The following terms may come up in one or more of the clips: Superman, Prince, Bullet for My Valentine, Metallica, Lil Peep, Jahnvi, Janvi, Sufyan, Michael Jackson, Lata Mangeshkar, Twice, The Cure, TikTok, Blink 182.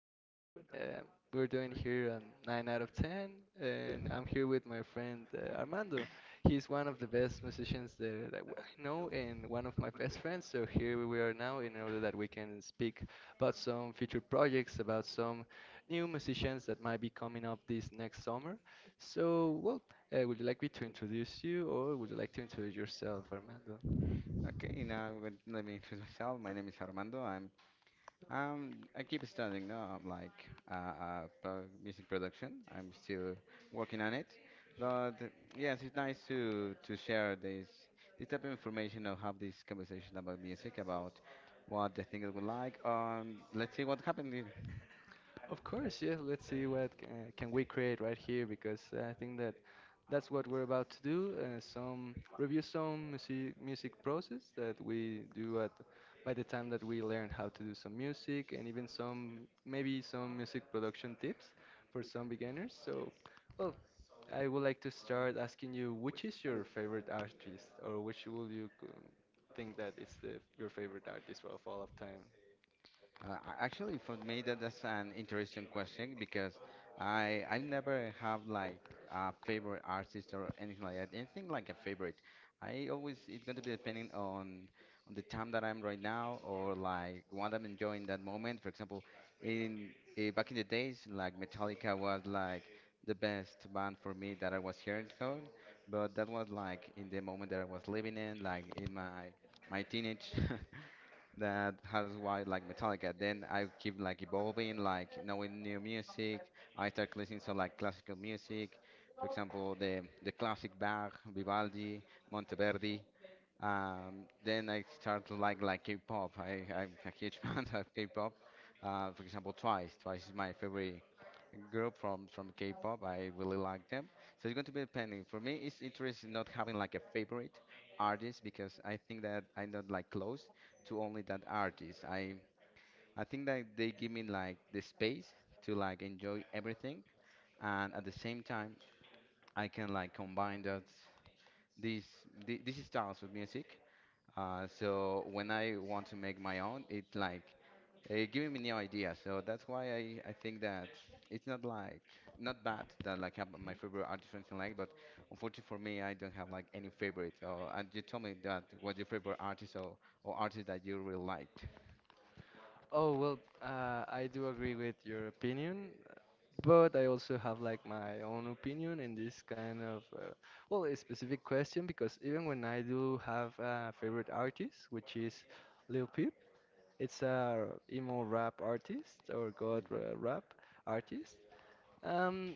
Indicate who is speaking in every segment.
Speaker 1: How you doing? We're doing here on 9 out of 10,
Speaker 2: Uh,
Speaker 1: and I'm here with my friend Armando. He's one of the best musicians I know, and one of my best friends. So here we are now in order that we can speak about some future projects, about some new musicians that might be coming up this next
Speaker 2: So,
Speaker 1: summer. So, well, would you like me to
Speaker 2: my
Speaker 1: introduce you, or would you like to introduce yourself, Armando?
Speaker 2: name is Armando, and
Speaker 1: Of course, yeah. Let's see what can we create right here, because I think that that's what we're about to do. Some review, some music process that we do at, by the time that we learn how to do some music, and even some, maybe some music production tips for some beginners. Well, I would like to start asking you, which
Speaker 2: which is
Speaker 1: is
Speaker 2: the
Speaker 1: your favorite artist, or which will you think that is the your favorite artist of all of time? Oh, well, I do agree with your opinion, but I also have like my own opinion in this kind of, a specific question, because even when I do have a favorite artist, which is Lil Peep, it's a emo rap artist, or god rap artist. Um,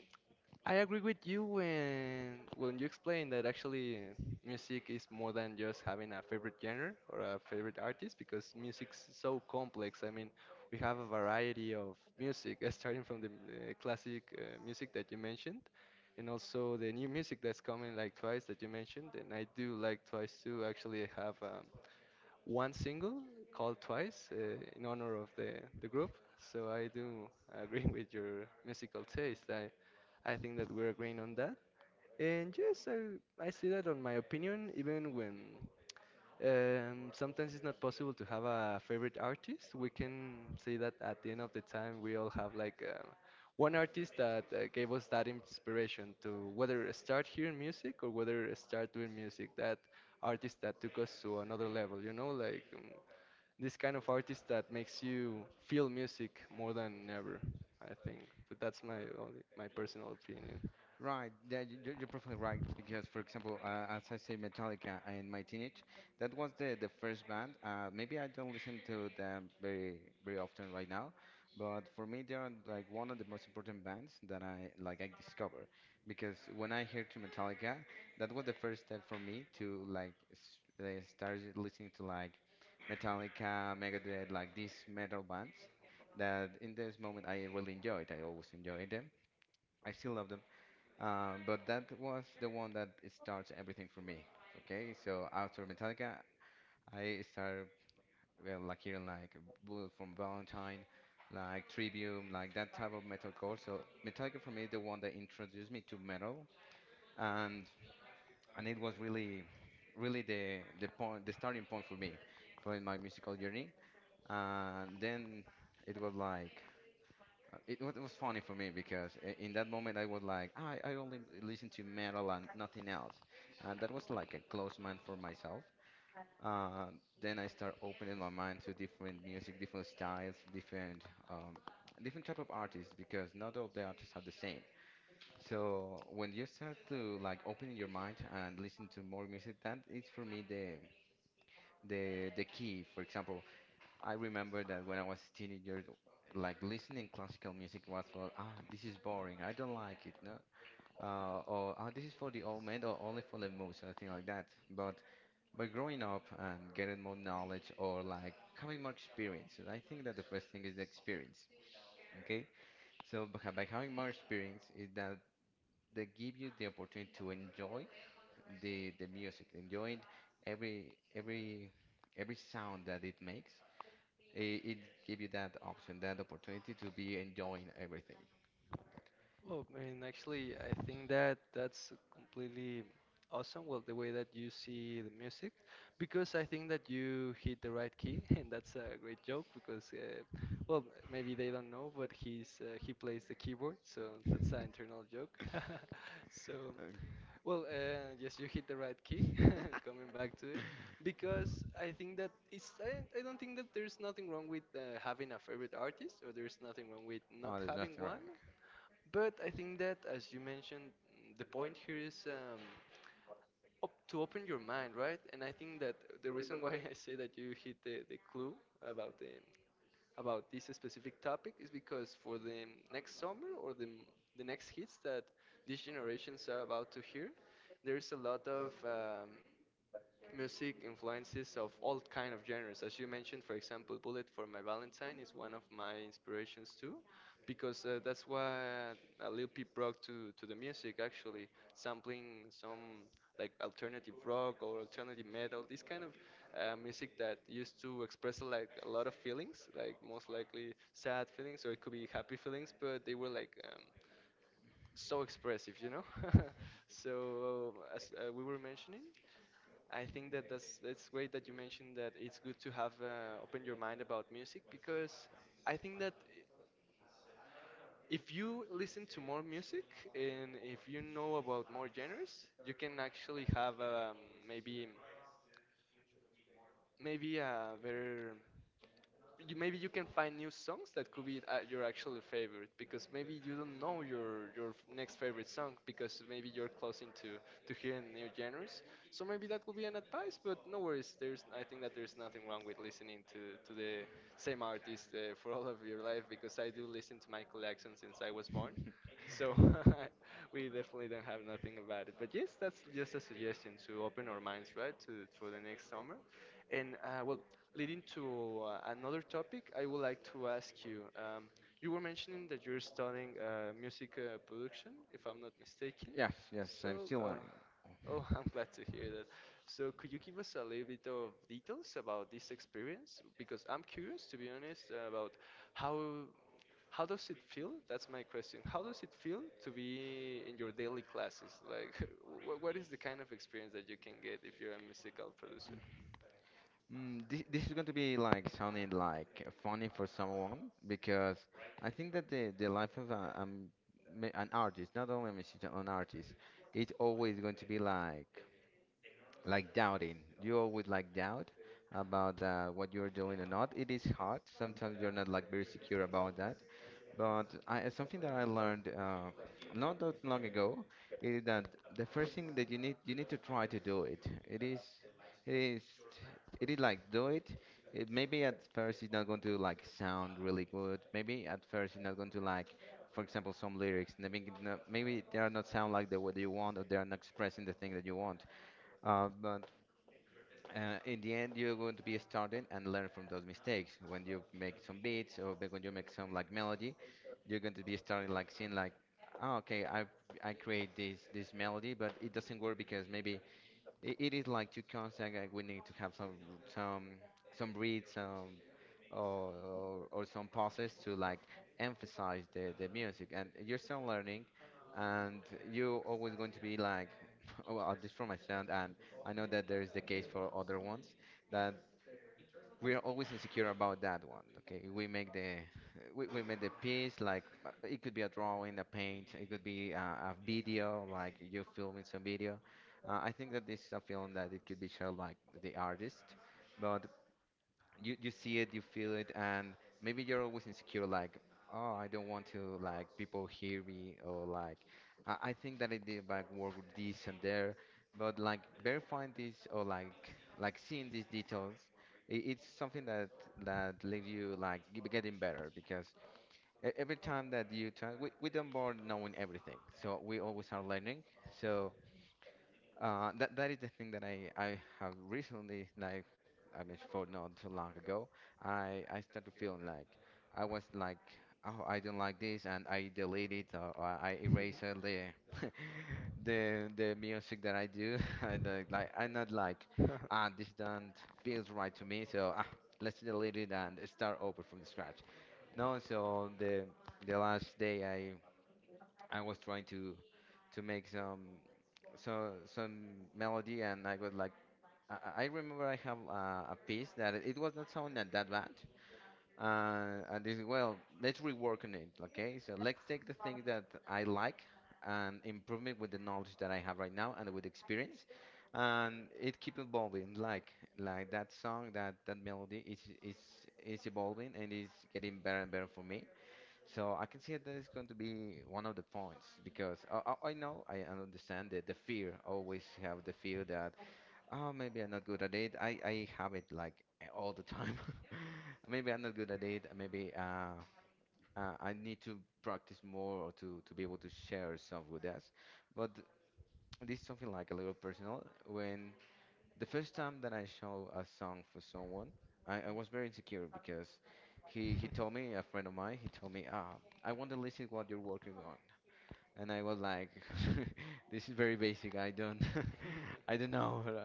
Speaker 1: I agree with you when you explain that actually music is more than just having a favorite genre or a favorite artist, because music's so complex. I mean, we have a variety of music, starting from the classic music that you mentioned, and also the new music that's coming, like Twice that you mentioned. And I do like Twice, to actually have a one single called Twice in honor of the group. So I do agree with your musical taste. I think that we're agreeing on that. And yes, I see that on my opinion, even when sometimes it's not possible to have a favorite artist, we can say that at the end of the time we all have like one artist that gave us that inspiration to whether start hearing music or whether start doing music, that artist that took us to another level, you know, like this kind of artist that makes you feel music more than ever, I think. But that's my only, my personal opinion. Well, I mean, actually, I think that that's completely awesome. Well, the way that you see the music, because I think that you hit the right key, and that's a great joke because, well, maybe they don't know, but he plays the keyboard, so that's an internal joke. So, well, yes, you hit the right key, coming back to it, because I think that I don't think that there's nothing wrong with having a favorite artist, or there's nothing wrong with not having one. But I think that, as you mentioned, the point here is op to open your mind, right? And I think that the
Speaker 2: reason
Speaker 1: reason why I say that you hit the clue about the about this specific topic is because for the next summer, or the next hits that these generations are about to hear, there is a lot of music influences of all kind of genres, as you mentioned. For example, Bullet For My Valentine is one of my inspirations too, because that's what Lil Peep brought to the music, actually sampling some like alternative rock or alternative metal, this kind of music that used to express like a lot of feelings, like most likely sad feelings, or it could be happy feelings, but they were like so expressive, you know. So as we were mentioning, I think that that's it's great that you mentioned that it's good to have open your mind about music, because I think that if you listen to more music and if you know about more genres, you can actually have, maybe maybe a better, you, maybe you can find new songs that could be your actual favorite, because maybe you don't know your next favorite song, because maybe you're closing to hearing new genres. So maybe that could be an advice. But no worries, there's, I think that there's nothing wrong with listening to the same artist for all of your life, because I do listen to Michael Jackson since I was born. So we definitely don't have nothing about it, but yes, that's just a suggestion to open our minds, right, to for the next summer. And leading to another topic, I would like to ask you. You were mentioning that you're studying music production, if I'm not mistaken. So, oh, I'm glad to hear that. So, could you give us a little bit of details about this experience? Because I'm curious, to be honest, about how how does it feel? That's my question. How does it feel to be in your daily classes? Like, wh what is the kind of experience that you can get if you're a musical producer?
Speaker 2: that I like the love I learned not that long ago,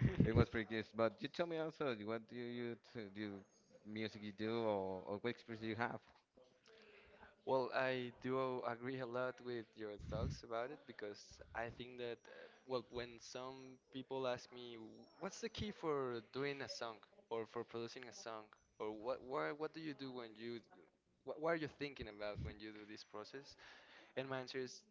Speaker 1: Well, I do agree a lot with your thoughts about it, because I think that, when some people ask me, what's the key for doing a song, or for producing a song, or what do you do when you, what are you thinking about when you do this process? And my answer is,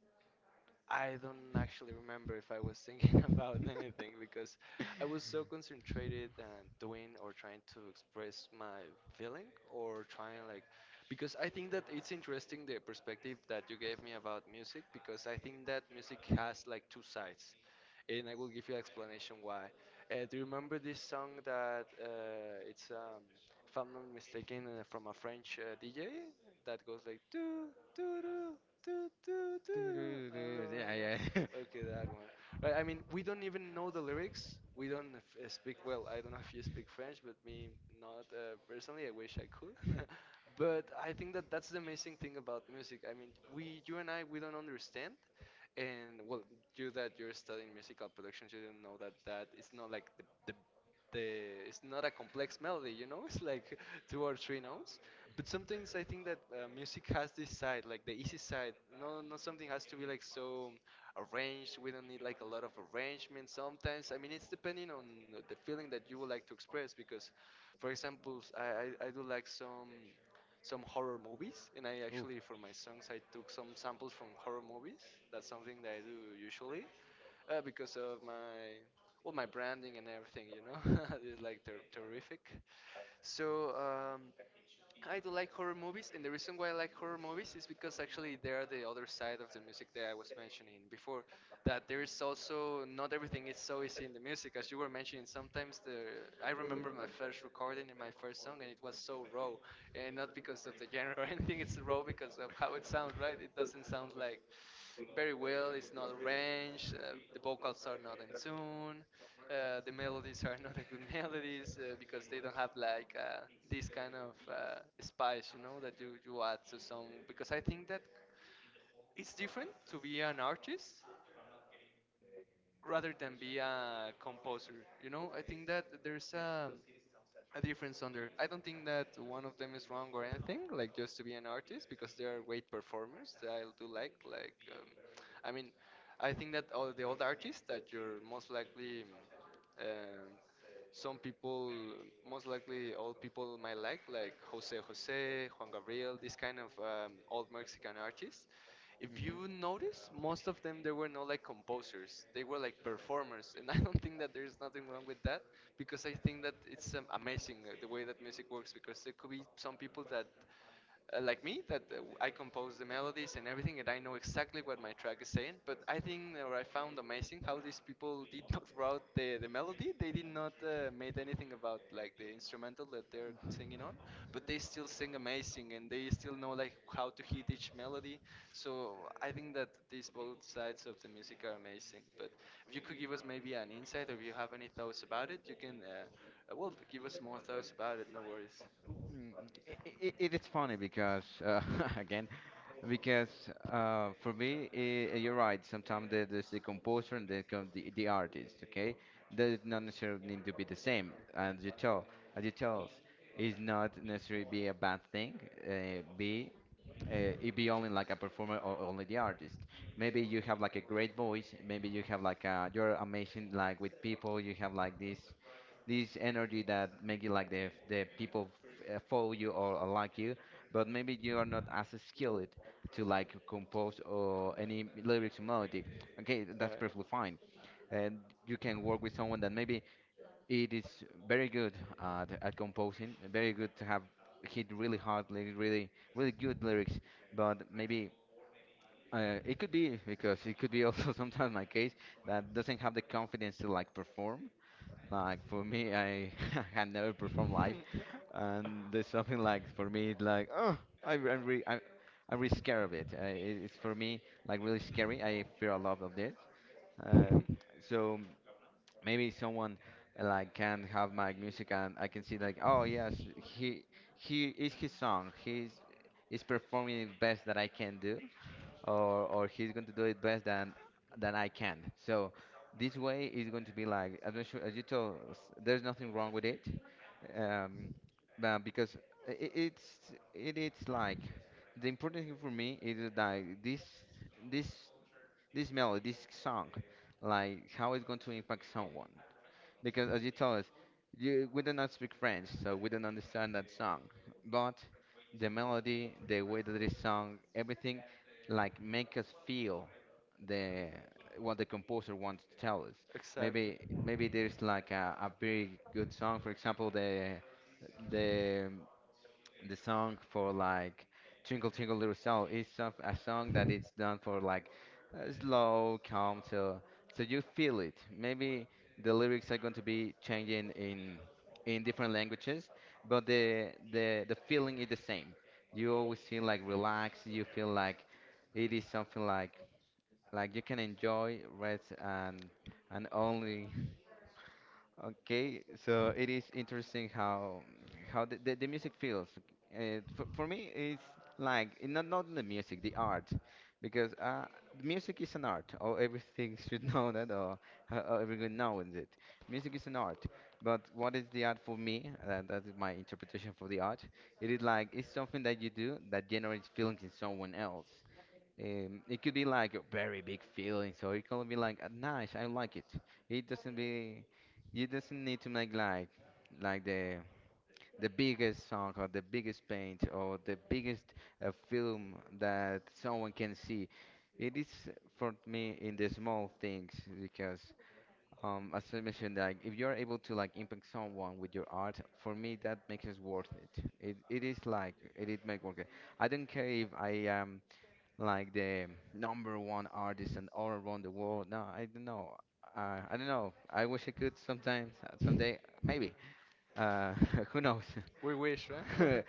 Speaker 1: I don't actually remember if I was thinking about anything, because I was so concentrated, and doing or trying to express my feeling, or trying like, because I think that it's interesting the perspective that you gave me about music, because I think that music has like two sides, and I will give you an explanation why. Do you remember this song that it's if I'm not mistaken, from a French DJ, that goes like do do do doo, doo, doo. Hello, hello. Okay, that one. Right, I mean, we don't even know the lyrics. We don't speak well. I don't know if you speak French, but me not, personally. I wish I could. But I think that that's the amazing thing about music. I mean, we, you and I, we don't understand. And well, you that you're studying musical production, you don't know that it's not like the it's not a complex melody. You know, it's like two or three notes. But sometimes I think that music has this side, like the easy side. No, not something has to be like so arranged. We don't need like a lot of arrangement sometimes. I mean, it's depending on the feeling that you would like to express. Because, for example, I do like some horror movies, and I actually for my songs I took some samples from horror movies. That's something that I do usually because of my, well, my branding and everything. You know, it's like terrific. So. I do like horror movies, and the reason why I like horror movies is because actually they are the other side of the music that I was mentioning before. That there is also, not everything is so easy in the music, as you were mentioning. Sometimes the, I remember my first recording and my first song, and it was so raw, and not because of the genre or anything. It's raw
Speaker 2: bro,
Speaker 1: because of how it sounds, right? It doesn't sound like very well. It's not arranged. The vocals are not in tune. The melodies are not a good melodies because they don't have like this kind of spice, you know, that you add to song. Because I think that it's different to be an artist rather than be a composer. You know, I think that there's a difference under. I don't think that one of them is wrong or anything, like just to be an artist, because they are great performers that I do like. I mean, I think that all the old artists that you're most likely um, some people most likely old people might like Jose Jose, Juan Gabriel, this kind of old Mexican artists. If you notice, most of them, they were not like composers; they were like performers, and I don't think that there's nothing wrong with that, because I think that it's amazing the way that music works, because there could be some people that like me, that I compose the melodies and everything, and I know exactly what my track is saying. But I think, or I found amazing how these people did not write the melody. They did not made anything about like the instrumental that they're singing on, but they still sing amazing and they still know like how to hit each melody. So I think that these both sides of the music are amazing. But if you could give us maybe an insight, or if you have any thoughts about it, you can. Well, give us more thoughts about it. No worries.
Speaker 2: feel it all the life. So
Speaker 1: it.
Speaker 2: I can see like, oh yeah,
Speaker 1: We wish, right?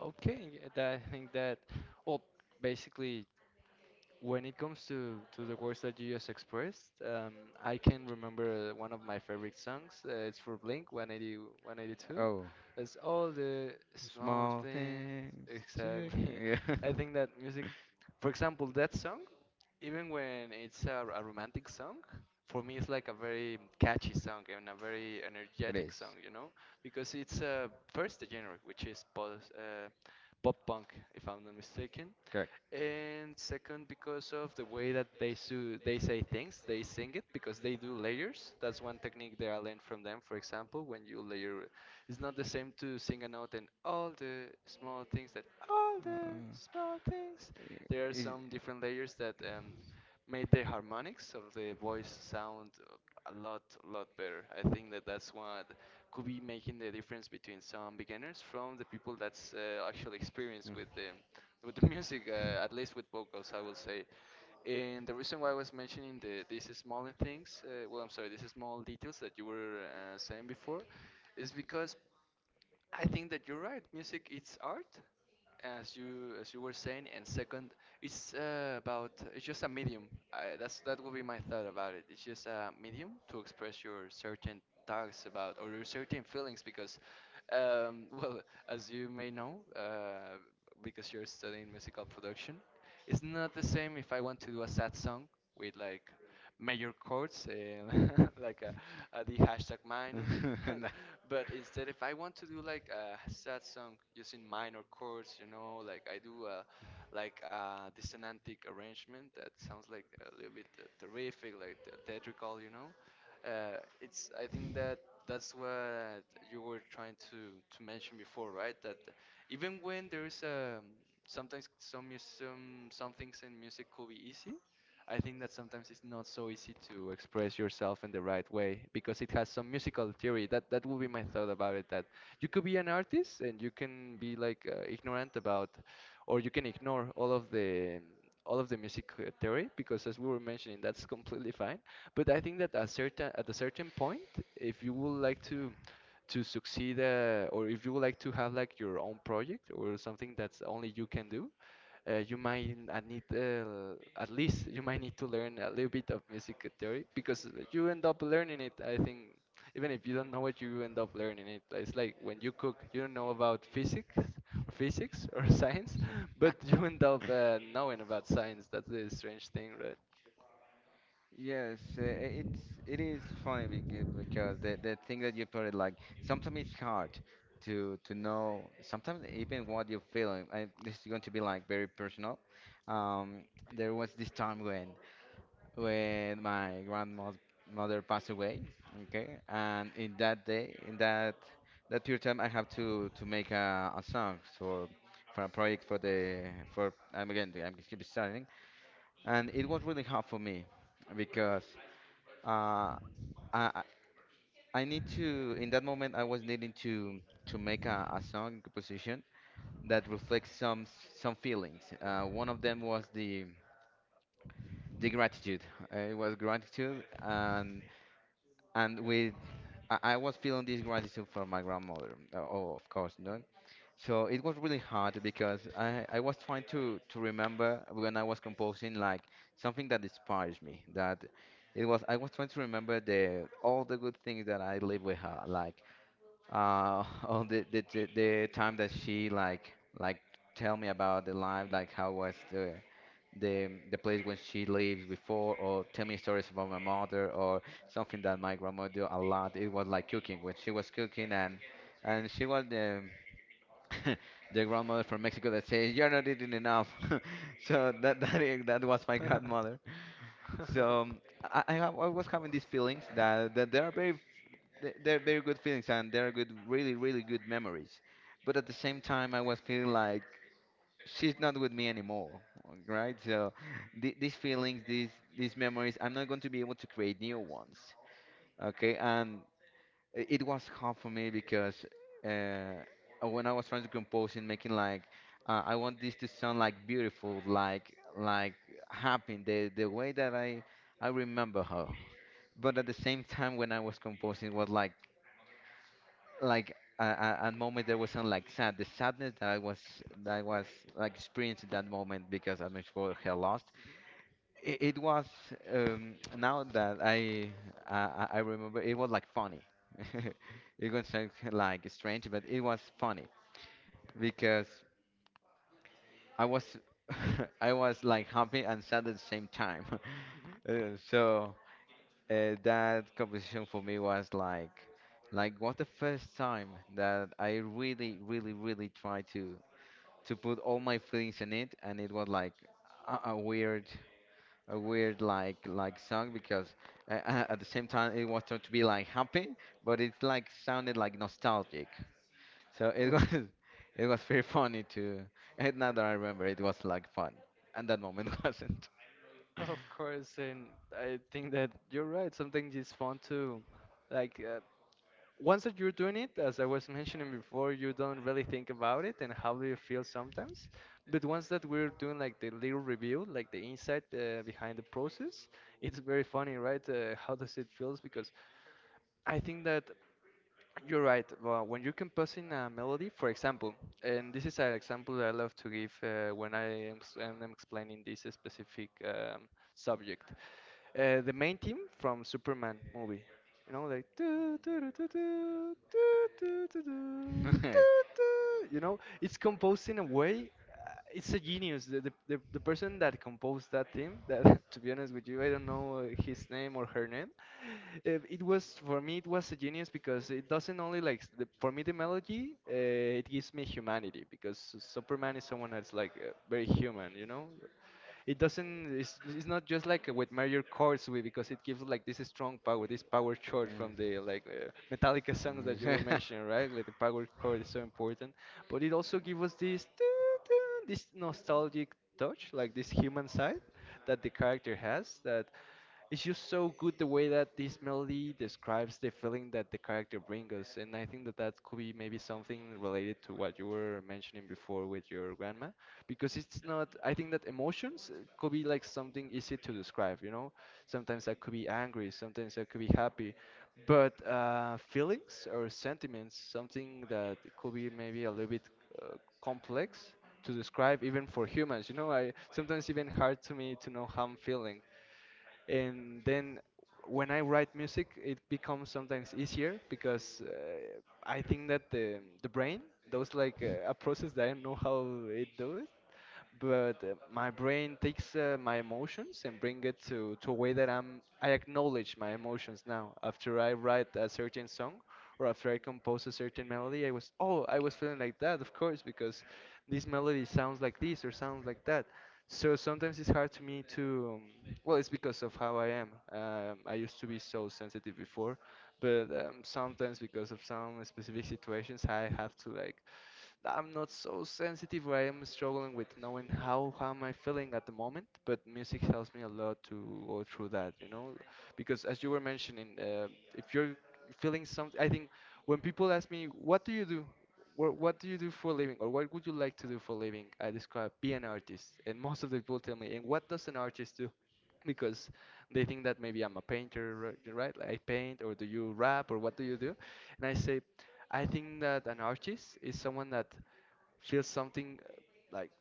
Speaker 1: Okay, I think well, basically, when it comes to the words that you just expressed, I can remember one of my favorite songs. It's for Blink 18182. It's all the small things. Exactly. I think that music, for example, that song, even when it's a romantic song, for me it's like a very catchy song and a very energetic song, you know, because it's first the genre, which is post, pop punk, if I'm not mistaken, and second, because of the way that they say things, they sing it, because they do layers. That's one technique that I learned from them. For example, when you layer, it's not the same to sing a note and all the small things that all the small things. There are some different layers that made the harmonics of the voice sound a lot, lot better. I think that that's what could be making the difference between some beginners from the people that's actually experienced with the music, at least with vocals, I will say. And the reason why I was mentioning the these small things, well, I'm sorry, these small details that you were saying before, is because I think that you're
Speaker 2: you're
Speaker 1: right.
Speaker 2: right, Mr.
Speaker 1: Music
Speaker 2: Keys
Speaker 1: it's
Speaker 2: not
Speaker 1: art, as you were saying, and second, it's
Speaker 2: uh,
Speaker 1: about
Speaker 2: about
Speaker 1: it's just a medium. That's that would be my thought about it. It's just a medium to express your certain thoughts about or your certain feelings because, well, as you may know, because you're studying musical production, it's not the same if I want to do a sad song
Speaker 2: to
Speaker 1: with
Speaker 2: like
Speaker 1: like
Speaker 2: the
Speaker 1: major
Speaker 2: major,
Speaker 1: chords, like the hashtag minor.
Speaker 2: but it
Speaker 1: But instead, if I want to do like a sad song using minor chords, you know, like I do a like a dissonantic arrangement that sounds like a little bit terrific, like the theatrical, you know. It's I think that that's what you were trying to mention before, right? That even when there is sometimes some things in music could be easy, I think that sometimes it's not so easy to express yourself in the right way because it has some musical theory. That that would be my thought about it. That you could be an artist and you can be like ignorant about, or you can ignore all of the music theory, because as we were mentioning, that's completely fine. But I think that at a certain point, if you would like to succeed or if you would like to have like your own project
Speaker 2: was
Speaker 1: or
Speaker 2: something
Speaker 1: something
Speaker 2: that
Speaker 1: that's only you can do, you
Speaker 2: human
Speaker 1: might need, at least you might need to learn a little bit of music theory, because you end up learning it. I think even if you don't know it, you end up learning it. It's like when you cook, you don't know about physics or physics or science, but you end up knowing about science. That's the strange thing,
Speaker 2: I was interested in
Speaker 1: right? Mhm. Of, of course, and I think that you're right. Sometimes it's fun to like uh, once that you're doing it, as I was mentioning before, you don't really think about it and how do you feel sometimes. But once that we're doing like the little review, like the insight behind the process, it's very funny, right? How does it feels? Because I think that you're right. Well, when you're composing a melody, for example, and this is an example that I love to give when I am explaining this specific subject. The main theme from Superman movie. You know, like "Doo, doo, doo, doo, doo, doo, doo, doo, doo, doo, doo," you know, it's composed in a way. It's a genius. The person that composed that theme, that to be honest with you, I don't know his name or her name. It was, for me, it was a genius, because it doesn't only for me the melody, it gives me humanity, because Superman is someone that's like very human, you know. It's not just like with major chords we because it gives like this strong power, this power chord from the like Metallica songs that you were mentioning, right? Like the power chord is so important, but it also gives us this this nostalgic touch, like this human side that the character has, that it's just so good the way that this melody describes the feeling that the character brings us. And I think that that could be maybe something related to what you were mentioning before with your grandma, because it's not. I think that emotions could be like something easy to describe. You know, sometimes I could be angry, sometimes I could be happy, but feelings or sentiments, something that could be maybe a little bit uh, complex to describe even for humans. You know, I sometimes even hard to me to know how I'm feeling, and then when I write music, it becomes sometimes easier, because I think that the brain does like a process that I don't know how it does, but my brain takes my emotions and bring it to a way that I acknowledge my emotions now. After I write a certain song or after I compose a certain melody, I was, oh, I was feeling like that, of course, because this melody sounds like this or sounds like that. So sometimes it's hard to me to well, it's because of how I am. I used to be so sensitive before, but sometimes because of some specific situations I have to like that I'm not so sensitive, where I am struggling with knowing how am I feeling at the moment, but music helps me a lot to go through that, you know, because as you were mentioning, if you're feeling something, I think when people ask me, what do you do? What do you do for a living, or what would you like to do for a living? I describe be an artist. And most of the people tell me, and what does an artist do? Because they think that maybe I'm a painter, right? Like I paint, or do you rap, or what do you do? And I say, I think that an artist is someone that feels something like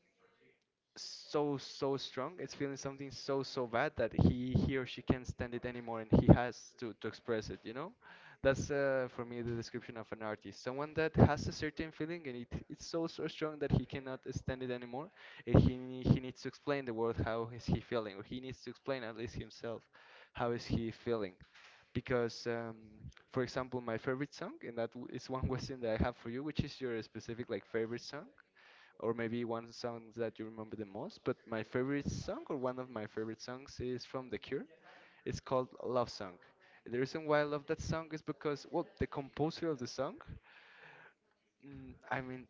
Speaker 1: so strong, it's feeling something so bad that he or she can't stand it anymore and he has to express it, you know. That's for me, the description of an artist, someone that has a certain feeling and it's so strong that he cannot stand it anymore and he needs to explain the world how is he feeling, or he needs to explain at least himself how is he feeling, because for example, my favorite song, and is one question that I have for you, which is your specific like favorite song, or maybe one song that you remember the most. But my favorite song, or one of my favorite songs, is from The Cure. It's called Love Song. The reason why I love that song is because, well, the composer of the song, I mean,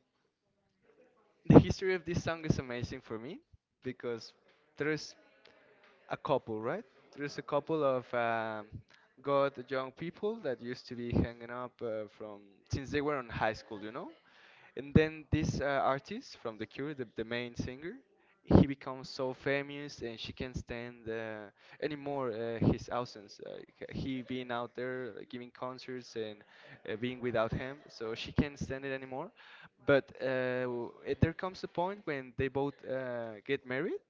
Speaker 1: the history of this song is amazing for me
Speaker 2: because
Speaker 1: because there is a couple, right? There's a couple of good young people that used to be hanging up from since they were in high school, you know? And then this artist from The Cure, the main singer, he becomes so famous and she can't stand anymore his absence. He being out there giving concerts and being without him, so she can't stand it anymore. But there comes a point when they both get married,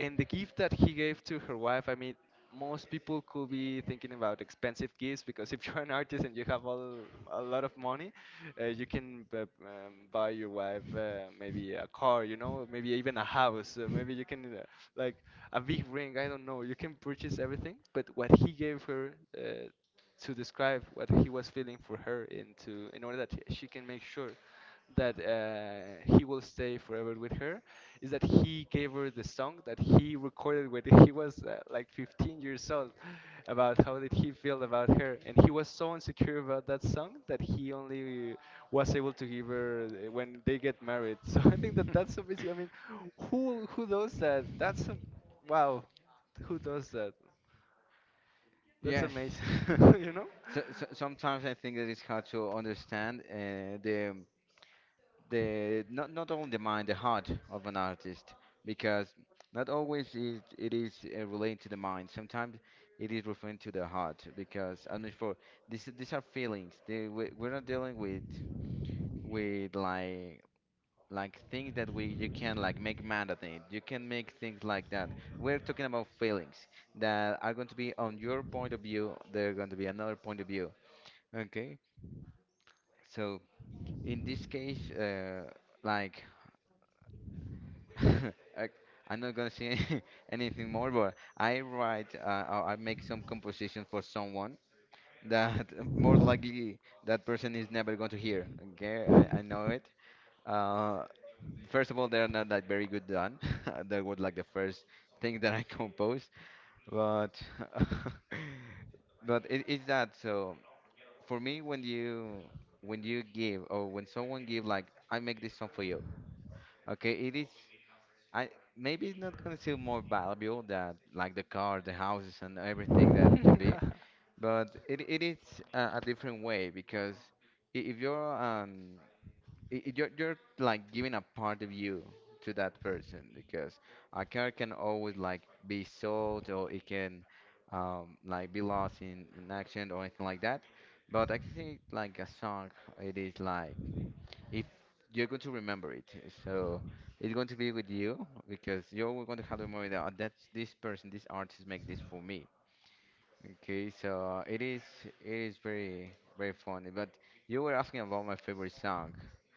Speaker 1: and the gift that he gave to her wife, I mean, most people could be thinking about expensive gifts because if you're an artist and you have all, a lot of money, you can b buy your wife maybe a car, you know, maybe even a house, maybe you can like a big ring, I don't know. You can purchase everything, but what he gave her to describe what he was feeling for her and to in order that she can make sure that he will stay forever with her is that he gave her the song that he recorded when he was like 15 years old, about how did he feel about her. And he was so insecure about that song that he only was able to give her when they get married. So I think that that's so amazing. I mean, who does that? That's a, wow, who does that? That's amazing. you know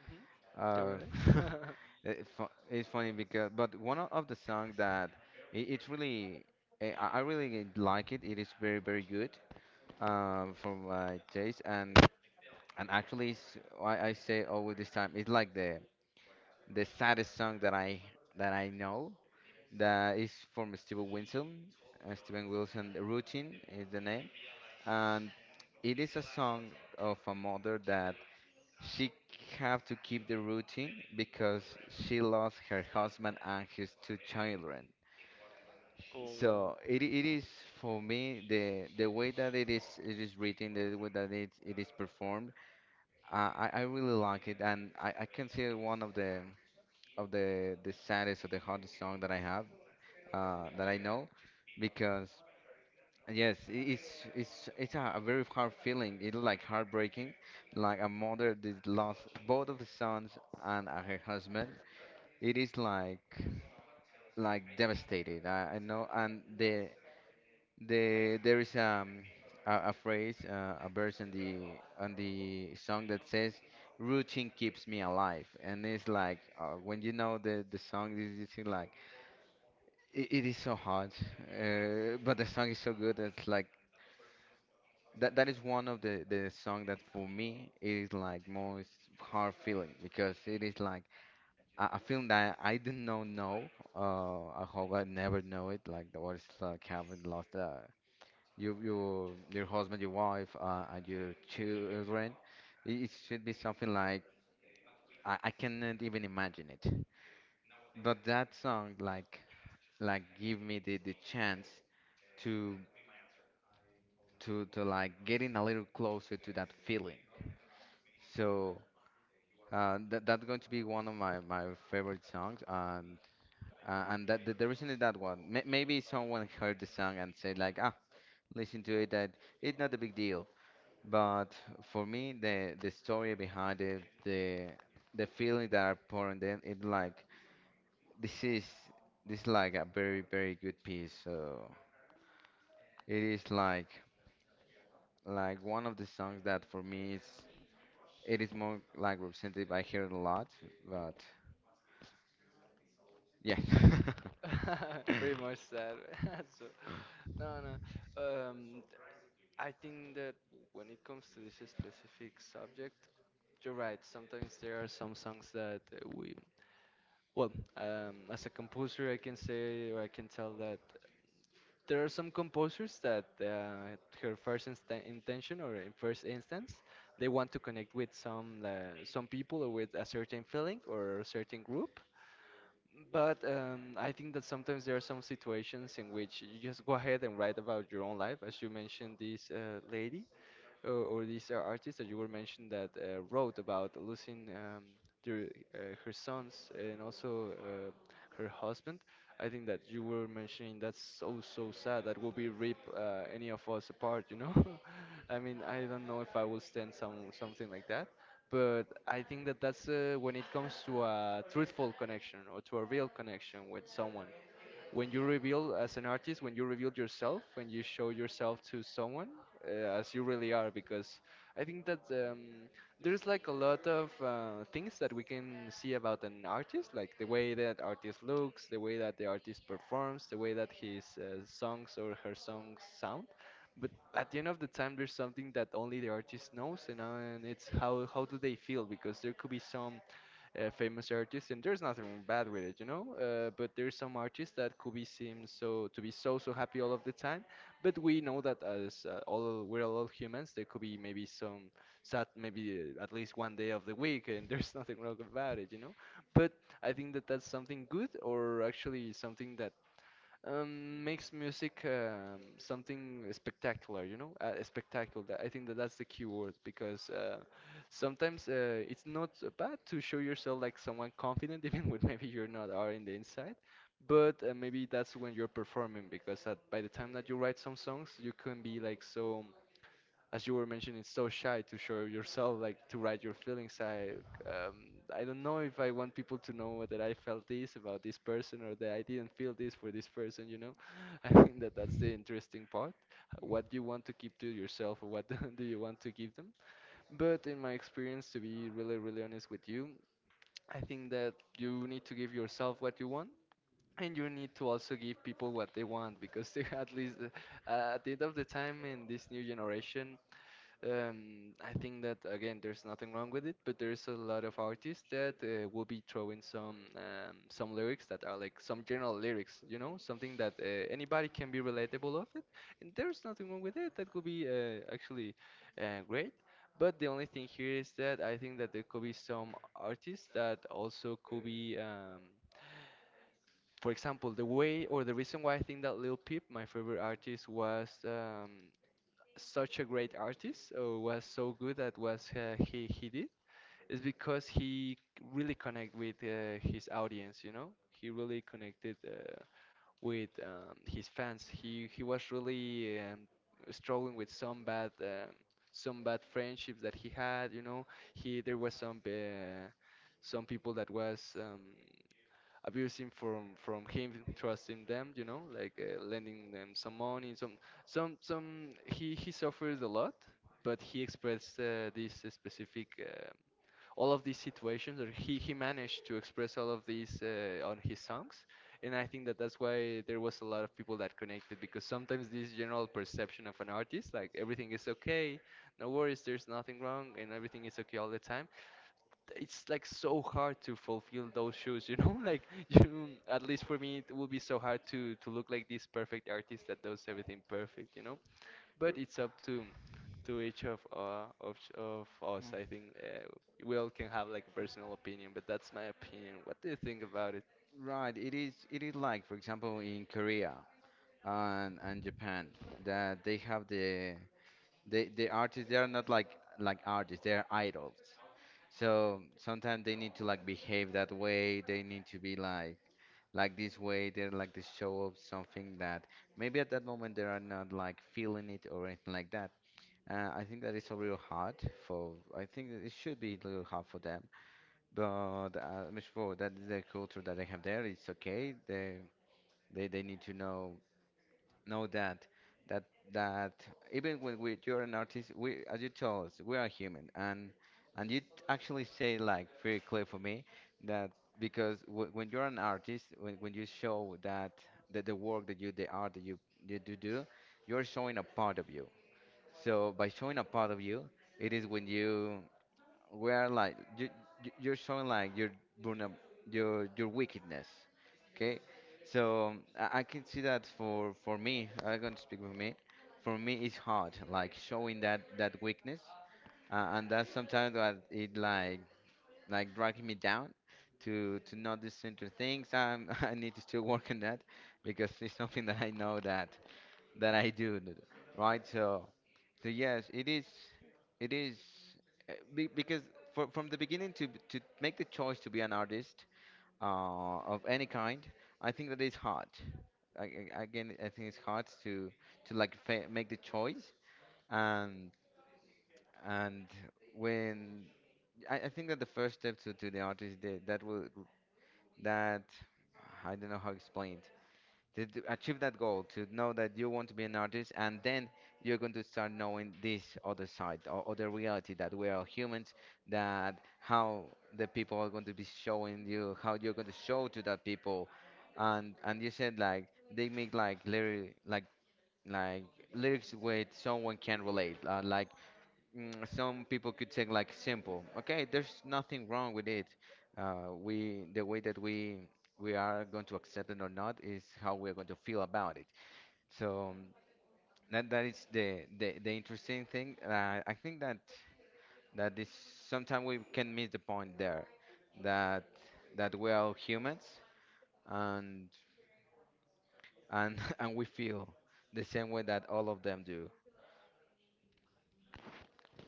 Speaker 1: Mhm. You're right. Oh, wow. Pretty much sad. So, no, no. Um, I think that when it comes to this specific subject, you're right. Sometimes there are some songs that we, well, as a composer, I can say or I can tell that there are some composers that her first insta intention or in first instance, they want to connect with some people or with a certain feeling or a certain group. But I think that sometimes there are some situations in which you just go ahead and write about your own life. As you mentioned, this lady, or this artist that you were mentioned that wrote about losing their, her sons, and also her husband. I think that you were mentioning that's so so sad. That will be rip any of us apart, I mean, I don't know if I will stand some something like that, but I think that that's when it comes to a truthful connection or to a real connection with someone, when you reveal as an artist, when you reveal yourself, when you show yourself to someone as you really are. Because I think that there's like a lot of things that we can see about an artist, like the way that artist looks, the way that the artist performs, the way that his songs or her songs sound. But at the end of the time, there's something that only the artist knows, and it's how do they feel? Because there could be some famous artists, and there's nothing bad with it, But there's some artists that could be seem so to be so so happy all of the time, but we know that as all we're all humans, there could be maybe some sad, maybe at least one day of the week, and there's nothing wrong about it, But I think that that's something good, or actually something that makes music something spectacular, spectacular. That- I think that that's the key word because sometimes it's not so bad to show yourself like someone confident, even when maybe you're not are in the inside. But maybe that's when you're performing because at, by the time that you write some songs, you can be like so as you were mentioning, it's so shy to show yourself, like to write your feelings. I don't know if I want people to know that I felt this about this person or that I didn't feel this for this person. I think that that's the interesting part. What do you want to keep to yourself, or what do you want to give them? But in my experience, to be really, really honest with you, I think that you need to give yourself what you want. And you need to also give people what they want because they, at least at the end of the time in this new generation, I think that again, there's nothing wrong with it, but there's a lot of artists that
Speaker 2: there's the
Speaker 1: will be throwing some
Speaker 2: lyrics
Speaker 1: lyrics
Speaker 2: that
Speaker 1: that
Speaker 2: are
Speaker 1: are
Speaker 2: like
Speaker 1: like
Speaker 2: some
Speaker 1: some general
Speaker 2: general lyrics,
Speaker 1: lyrics, you know, something that
Speaker 2: but
Speaker 1: anybody
Speaker 2: it can
Speaker 1: can
Speaker 2: be
Speaker 1: be
Speaker 2: relatable.
Speaker 1: relatable of it,
Speaker 2: It's
Speaker 1: and there's
Speaker 2: there.
Speaker 1: nothing wrong with it. That could be actually great. But the only thing here is that I think that there could be some artists that also could be, for example, the way or the reason why I think that Lil Peep, my favorite artist, was. Such a great artist, or was so good at what he did, is because he really connect with his audience, you know? He really connected with his fans. He was really struggling with some bad friendships that he had, He there was some people that was abusing from him, trusting them, you know, like lending them some money, some he suffers a lot, but he expressed this specific all of these situations, or he managed to express all of these on his songs. And I think that that's why there was a lot of people that connected, because sometimes this general perception of an artist, like everything is okay, no worries, there's nothing wrong and everything is okay all the time, it's like so hard to fulfill those shoes, you know? Like you, at least for me, it will be so hard to look like this perfect artist that does everything perfect, you know? But it's up to each of ch- of us. I think we all can have like a personal opinion, but that's my opinion. What do you think about it?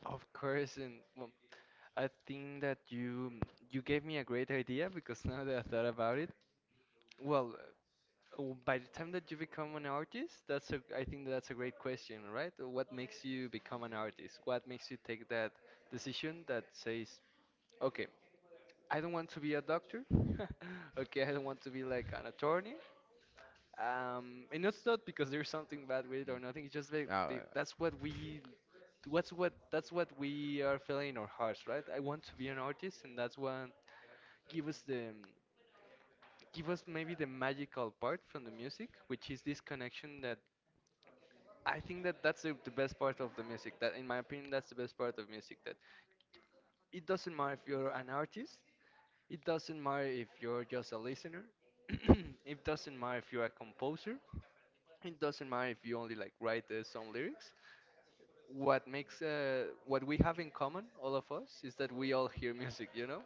Speaker 1: Of course, and well, I think that you gave me a great idea because now that I thought about it, well. Oh, by the time that you become an artist, that's a, I think that's a great question, right? What makes you become an artist? What makes you take that decision that says, okay, I don't want to be a doctor. Okay, I don't want to be like an attorney. And it's not because there's something bad with it or nothing. It's just like be- that's what we, what's what that's what we are feeling in our hearts, right? I want to be an artist, and that's what gives us the give us maybe the magical part from the music, which is this connection that I think that that's the best part of the music. That, in my opinion, that's the best part of music. That it doesn't matter if you're an artist, it doesn't matter if you're just a listener, it doesn't matter if you're a composer, it doesn't matter if you only like write some lyrics. What makes what we have in common, all of us, is that we all hear music.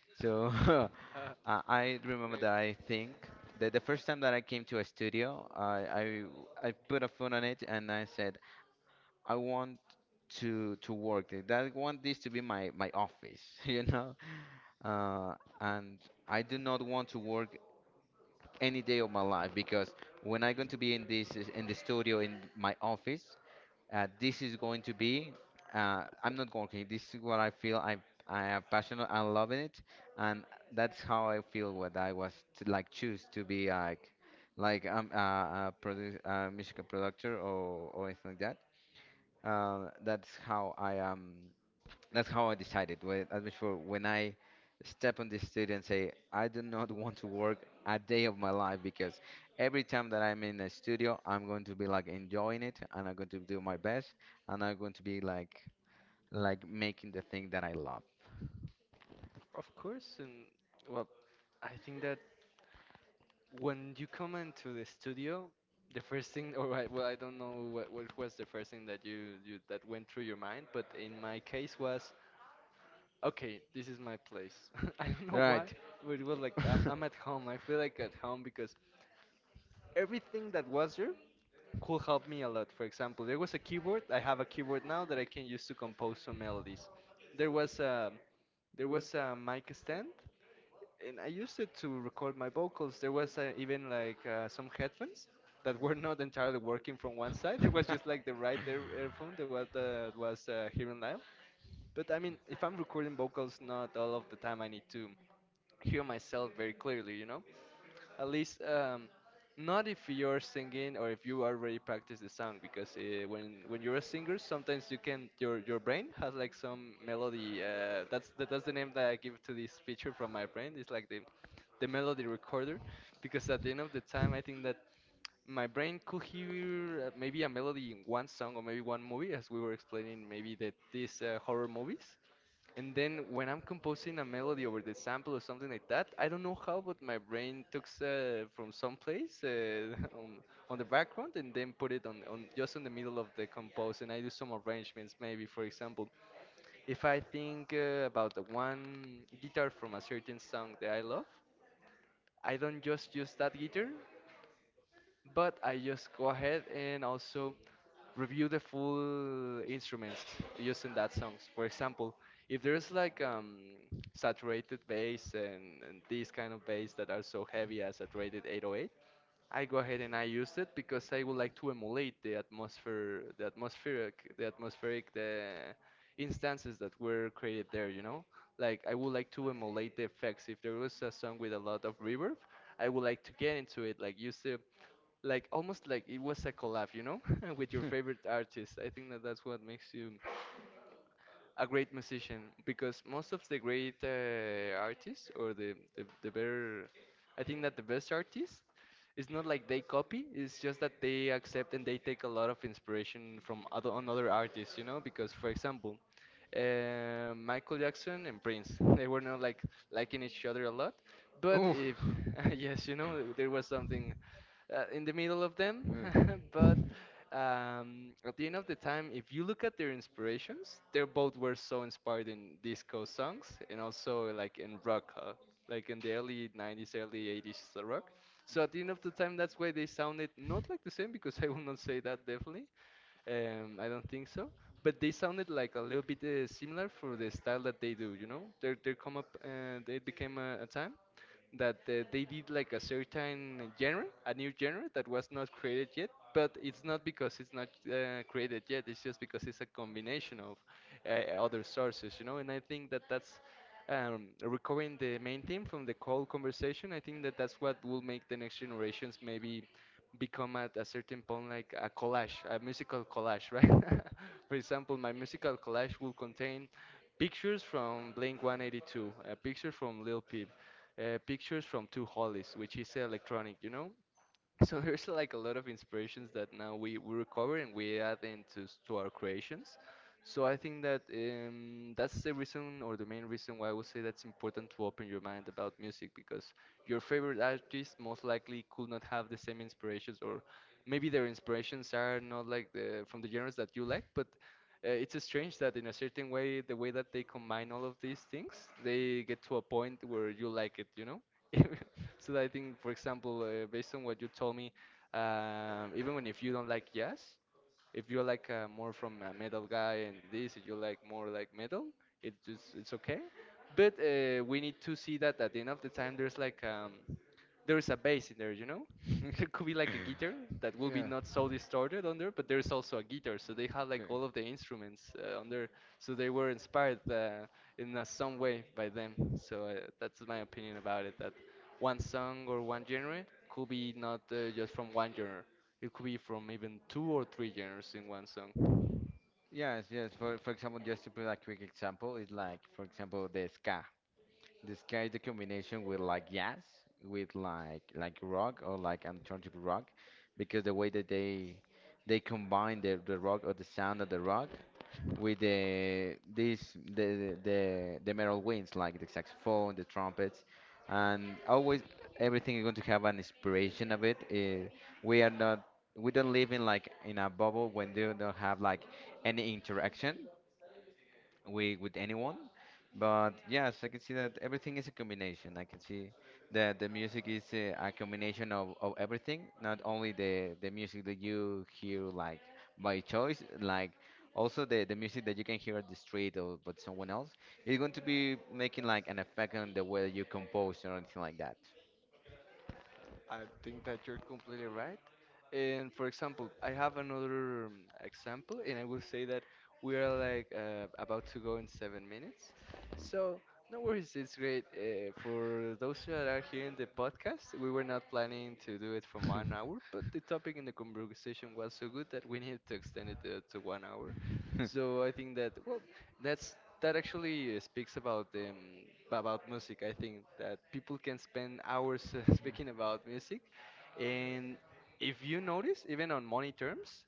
Speaker 1: Great. Of course, and well, I think that when you come into the studio, the first thing, or I, well, I don't know what was the first thing that you that went through your mind, but in my case was, okay, this is my place. I don't know why, but it was like I'm at home. I feel like at home because everything that was there could help me a lot. For example, there was a keyboard. I have a keyboard now that I can use to compose some melodies. There was a there was a mic stand, and I used it to record my vocals. There was even like some headphones that were not entirely working from one side. It was just like the right ear earphone that was hearing loud. But I mean, if I'm recording vocals, not all of the time I need to hear myself very clearly, you know? At least, not if you're singing or if you already practice the song, because when you're a singer, sometimes you can your brain has like some melody. That's that's the name that I give to this feature from my brain. It's like the melody recorder, because at the end of the time, I think that my brain could hear maybe a melody in one song or maybe one movie, as we were explaining, maybe that these horror movies. And then when I'm composing a melody over the sample or something like that, I don't know how, but my brain took from some place on the background and then put it on just in the middle of the compose. And I do some arrangements. Maybe, for example, if I think about the one guitar from a certain song that I love, I don't just use that guitar, but I just go ahead and also review the full instruments using that songs. For example, if there's like saturated bass and these kind of bass that are so heavy as saturated 808, I go ahead and I use it because I would like to emulate the atmosphere, the atmospheric, the instances that were created there. You know, like I would like to emulate the effects. If there was a song with a lot of reverb, I would like to get into it, like use the like almost like it was a collab, you know, with your favorite artist. I think that that's what makes you a great musician because most of the great artists or the better, I think that the best artists, it's not like they copy. It's just that they accept and they take a lot of inspiration from other on other artists, you know. Because, for example, Michael Jackson and Prince, they were not like liking each other a lot, but if yes, you know, there was something in the middle of them. But at the end of the time, if you look at their inspirations, they both were so inspired in disco songs and also like in rock, like in the early 90s, early 80s rock. So at the end of the time, that's why they sounded not like the same because I will not say that definitely. I don't think so. But they sounded like a little bit similar for the style that they do, you know. They come up, they became a time that they did like a certain genre, a new genre that was not created yet. But it's not because it's not created yet. It's just because it's a combination of other sources, you know. And I think that that's recovering the main theme from the call conversation. I think that that's what will make the next generations maybe become at a certain point like a collage, a musical collage, right? For example, my musical collage will contain pictures from Blink 182, a picture from Lil Peep, pictures from two hollies, which is electronic, you know? So there's like a lot of inspirations that now we recover and we add into to our creations. So I think that that's the reason or the main reason why I would say that's important to open your mind about music, because your favorite artist most likely could not have the same inspirations, or maybe their inspirations are not like the from the genres that you like. But it's strange that in a certain way the way that they combine all of these things, they get to a point where you like it, you know? So I think, for example, based on what you told me, even when if you don't like jazz, if you're like more from a metal guy and this, if you like more like metal, it's okay. But we need to see that at the end of the time, there's like there is a bass in there, you know? There could be like a guitar that will be not so distorted on there, but there is also a guitar, so they have like all of the instruments on there. So they were inspired in some way by them. So that's my opinion about it. That one song or one genre could be not just from one genre. It could be from even two or three genres in one song. I think that you're completely right. And, for example, I have another example, and I will say that we are like about to go in 7 minutes. So, no worries, it's great. For those that are here in the podcast, we were not planning to do it for 1 hour, but the topic in the conversation was so good that we needed to extend it to 1 hour. So, I think that, well, that's that actually speaks about music. I think that people can spend hours speaking about music, and if you notice, even on money terms,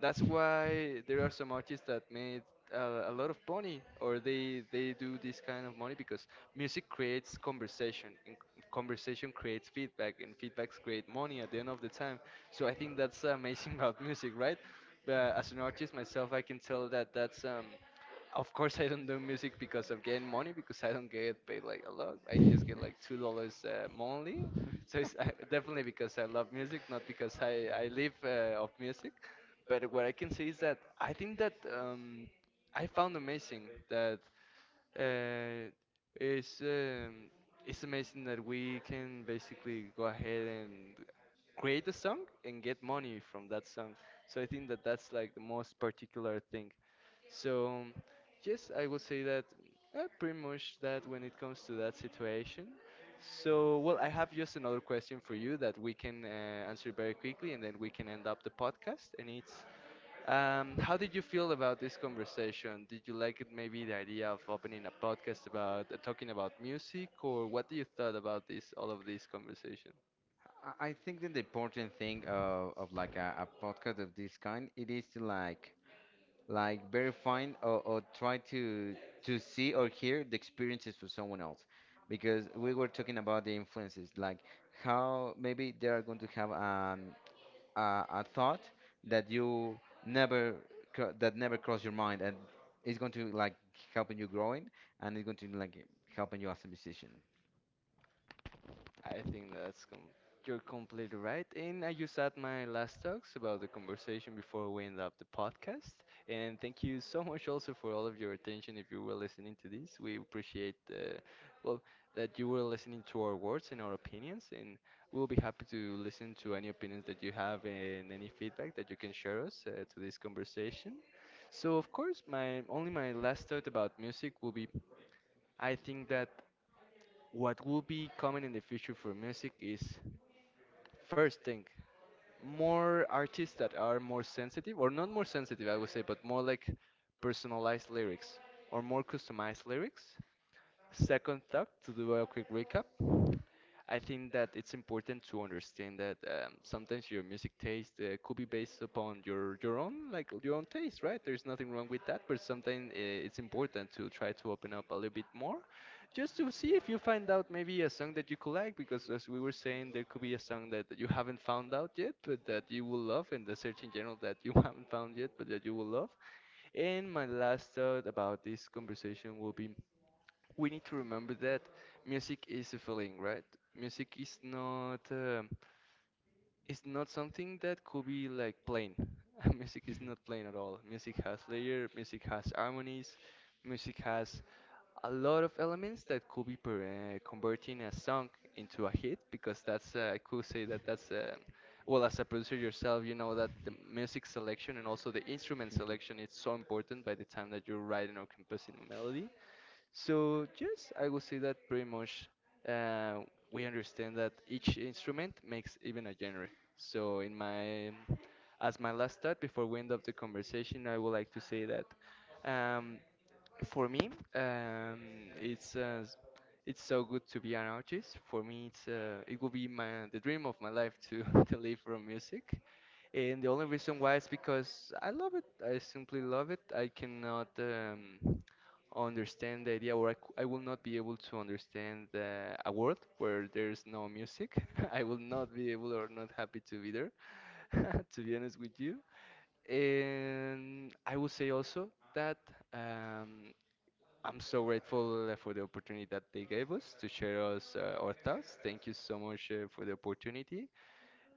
Speaker 1: that's why there are some artists that made a lot of money, or they do this kind of money because music creates conversation, and conversation creates feedback, and feedbacks create money at the end of the time. So I think that's amazing about music, right? But as an artist myself, I can tell that that's Of course, I don't do music because of getting money because I don't get paid like a lot. I just get like $2 monthly. So it's definitely because I love music, not because I live of music. But what I can say is that I think that I found amazing that uh, it's um, it's amazing that we can basically go ahead and create a song and get money from that song. So I think that that's like the most particular thing. So, yes, I would say that pretty much that when it comes to that situation. So, well, I have just another question for you that we can answer very quickly and then we can end up the podcast. And it's how did you feel about this conversation? Did you like it, maybe the idea of opening a podcast about talking about music, or what do you thought about this all of this conversation? I think that's you're completely right. And I just had my last talks about the conversation before we end up the podcast. And thank you so much also for all of your attention. If you were listening to this, we appreciate well that you were listening to our words and our opinions. And we'll be happy to listen to any opinions that you have and any feedback that you can share us to this conversation. So of course, my last thought about music will be I think that what will be coming in the future for music is, first thing, more artists that are more sensitive, or not more sensitive, I would say, but more like personalized lyrics or more customized lyrics. Second thought, to do a quick recap, I think that it's important to understand that sometimes your music taste could be based upon your own like your own taste, right? There's nothing wrong with that, but sometimes it's important to try to open up a little bit more, just to see if you find out maybe a song that you could like. Because as we were saying, there could be a song that you haven't found out yet, but that you will love, and the search in general that you haven't found yet, but that you will love. And my last thought about this conversation will be we need to remember that music is a feeling, right? Music is not it's not something that could be like plain. Music is not plain at all. Music has layer, music has harmonies, music has a lot of elements that could be converting a song into a hit because that's I could say that that's well, as a producer yourself, you know that the music selection and also the instrument selection is so important by the time that you're writing or composing a melody. So yes, I would say that pretty much uh, we understand that each instrument makes even a genre. So in my, as my last thought before we end up the conversation, I would like to say that um, for me, um, it's uh, s- it's so good to be an artist. For me, it will be my the dream of my life to to live from music, and the only reason why is because I love it. I simply love it. I cannot. Understand the idea, or I will not be able to understand a world where there's no music. I will not be able or not happy to be there, to be honest with you. And I will say also that um, I'm so grateful for the opportunity that they gave us to share us our thoughts. Thank you so much for the opportunity.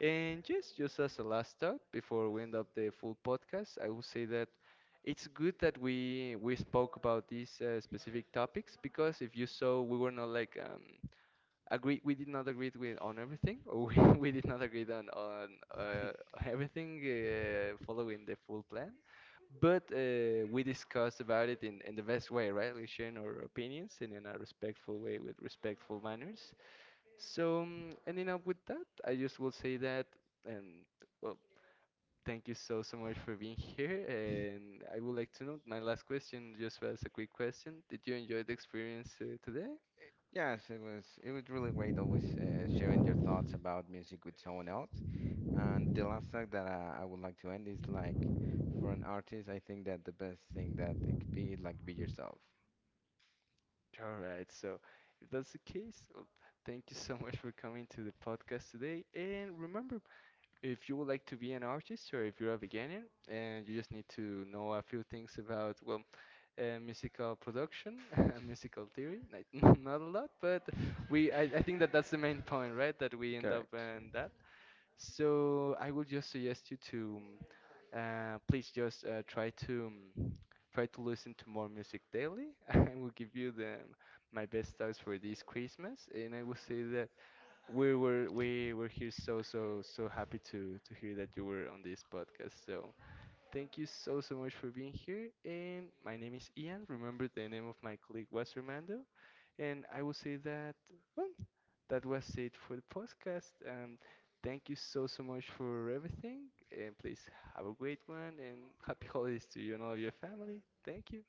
Speaker 1: And just as a last thought before we end up the full podcast, I would say that it's good that we spoke about these specific topics because if you saw, we were not like agree we did not agree with on everything, or we, we did not agree on uh, everything following the full plan, but we discussed about it in the best way, right? We sharing our opinions and in a respectful way with respectful manners. So, ending up with that, I just will say that, and well, thank you so, so much for being here. And I would like to know my last question, just as a quick question. Did you enjoy the experience today? All right, so if that's the case, well, thank you so much for coming to the podcast today. And remember, if you would like to be an artist or if you're a beginner and you just need to know a few things about, well, musical production and musical theory, like, not a lot, but we I think that that's the main point, right? That we end up in that. So I would just suggest you to please just try to mm, try to listen to more music daily. I will give you the my best stars for this Christmas, and I will say that we were here so so so happy to hear that you were on this podcast. So thank you so so much for being here. And my name is Ian. Remember the name of my colleague was Armando. And I will say that, well, that was it for the podcast. Thank you so so much for everything. And please have a great one and happy holidays to you and all of your family. Thank you.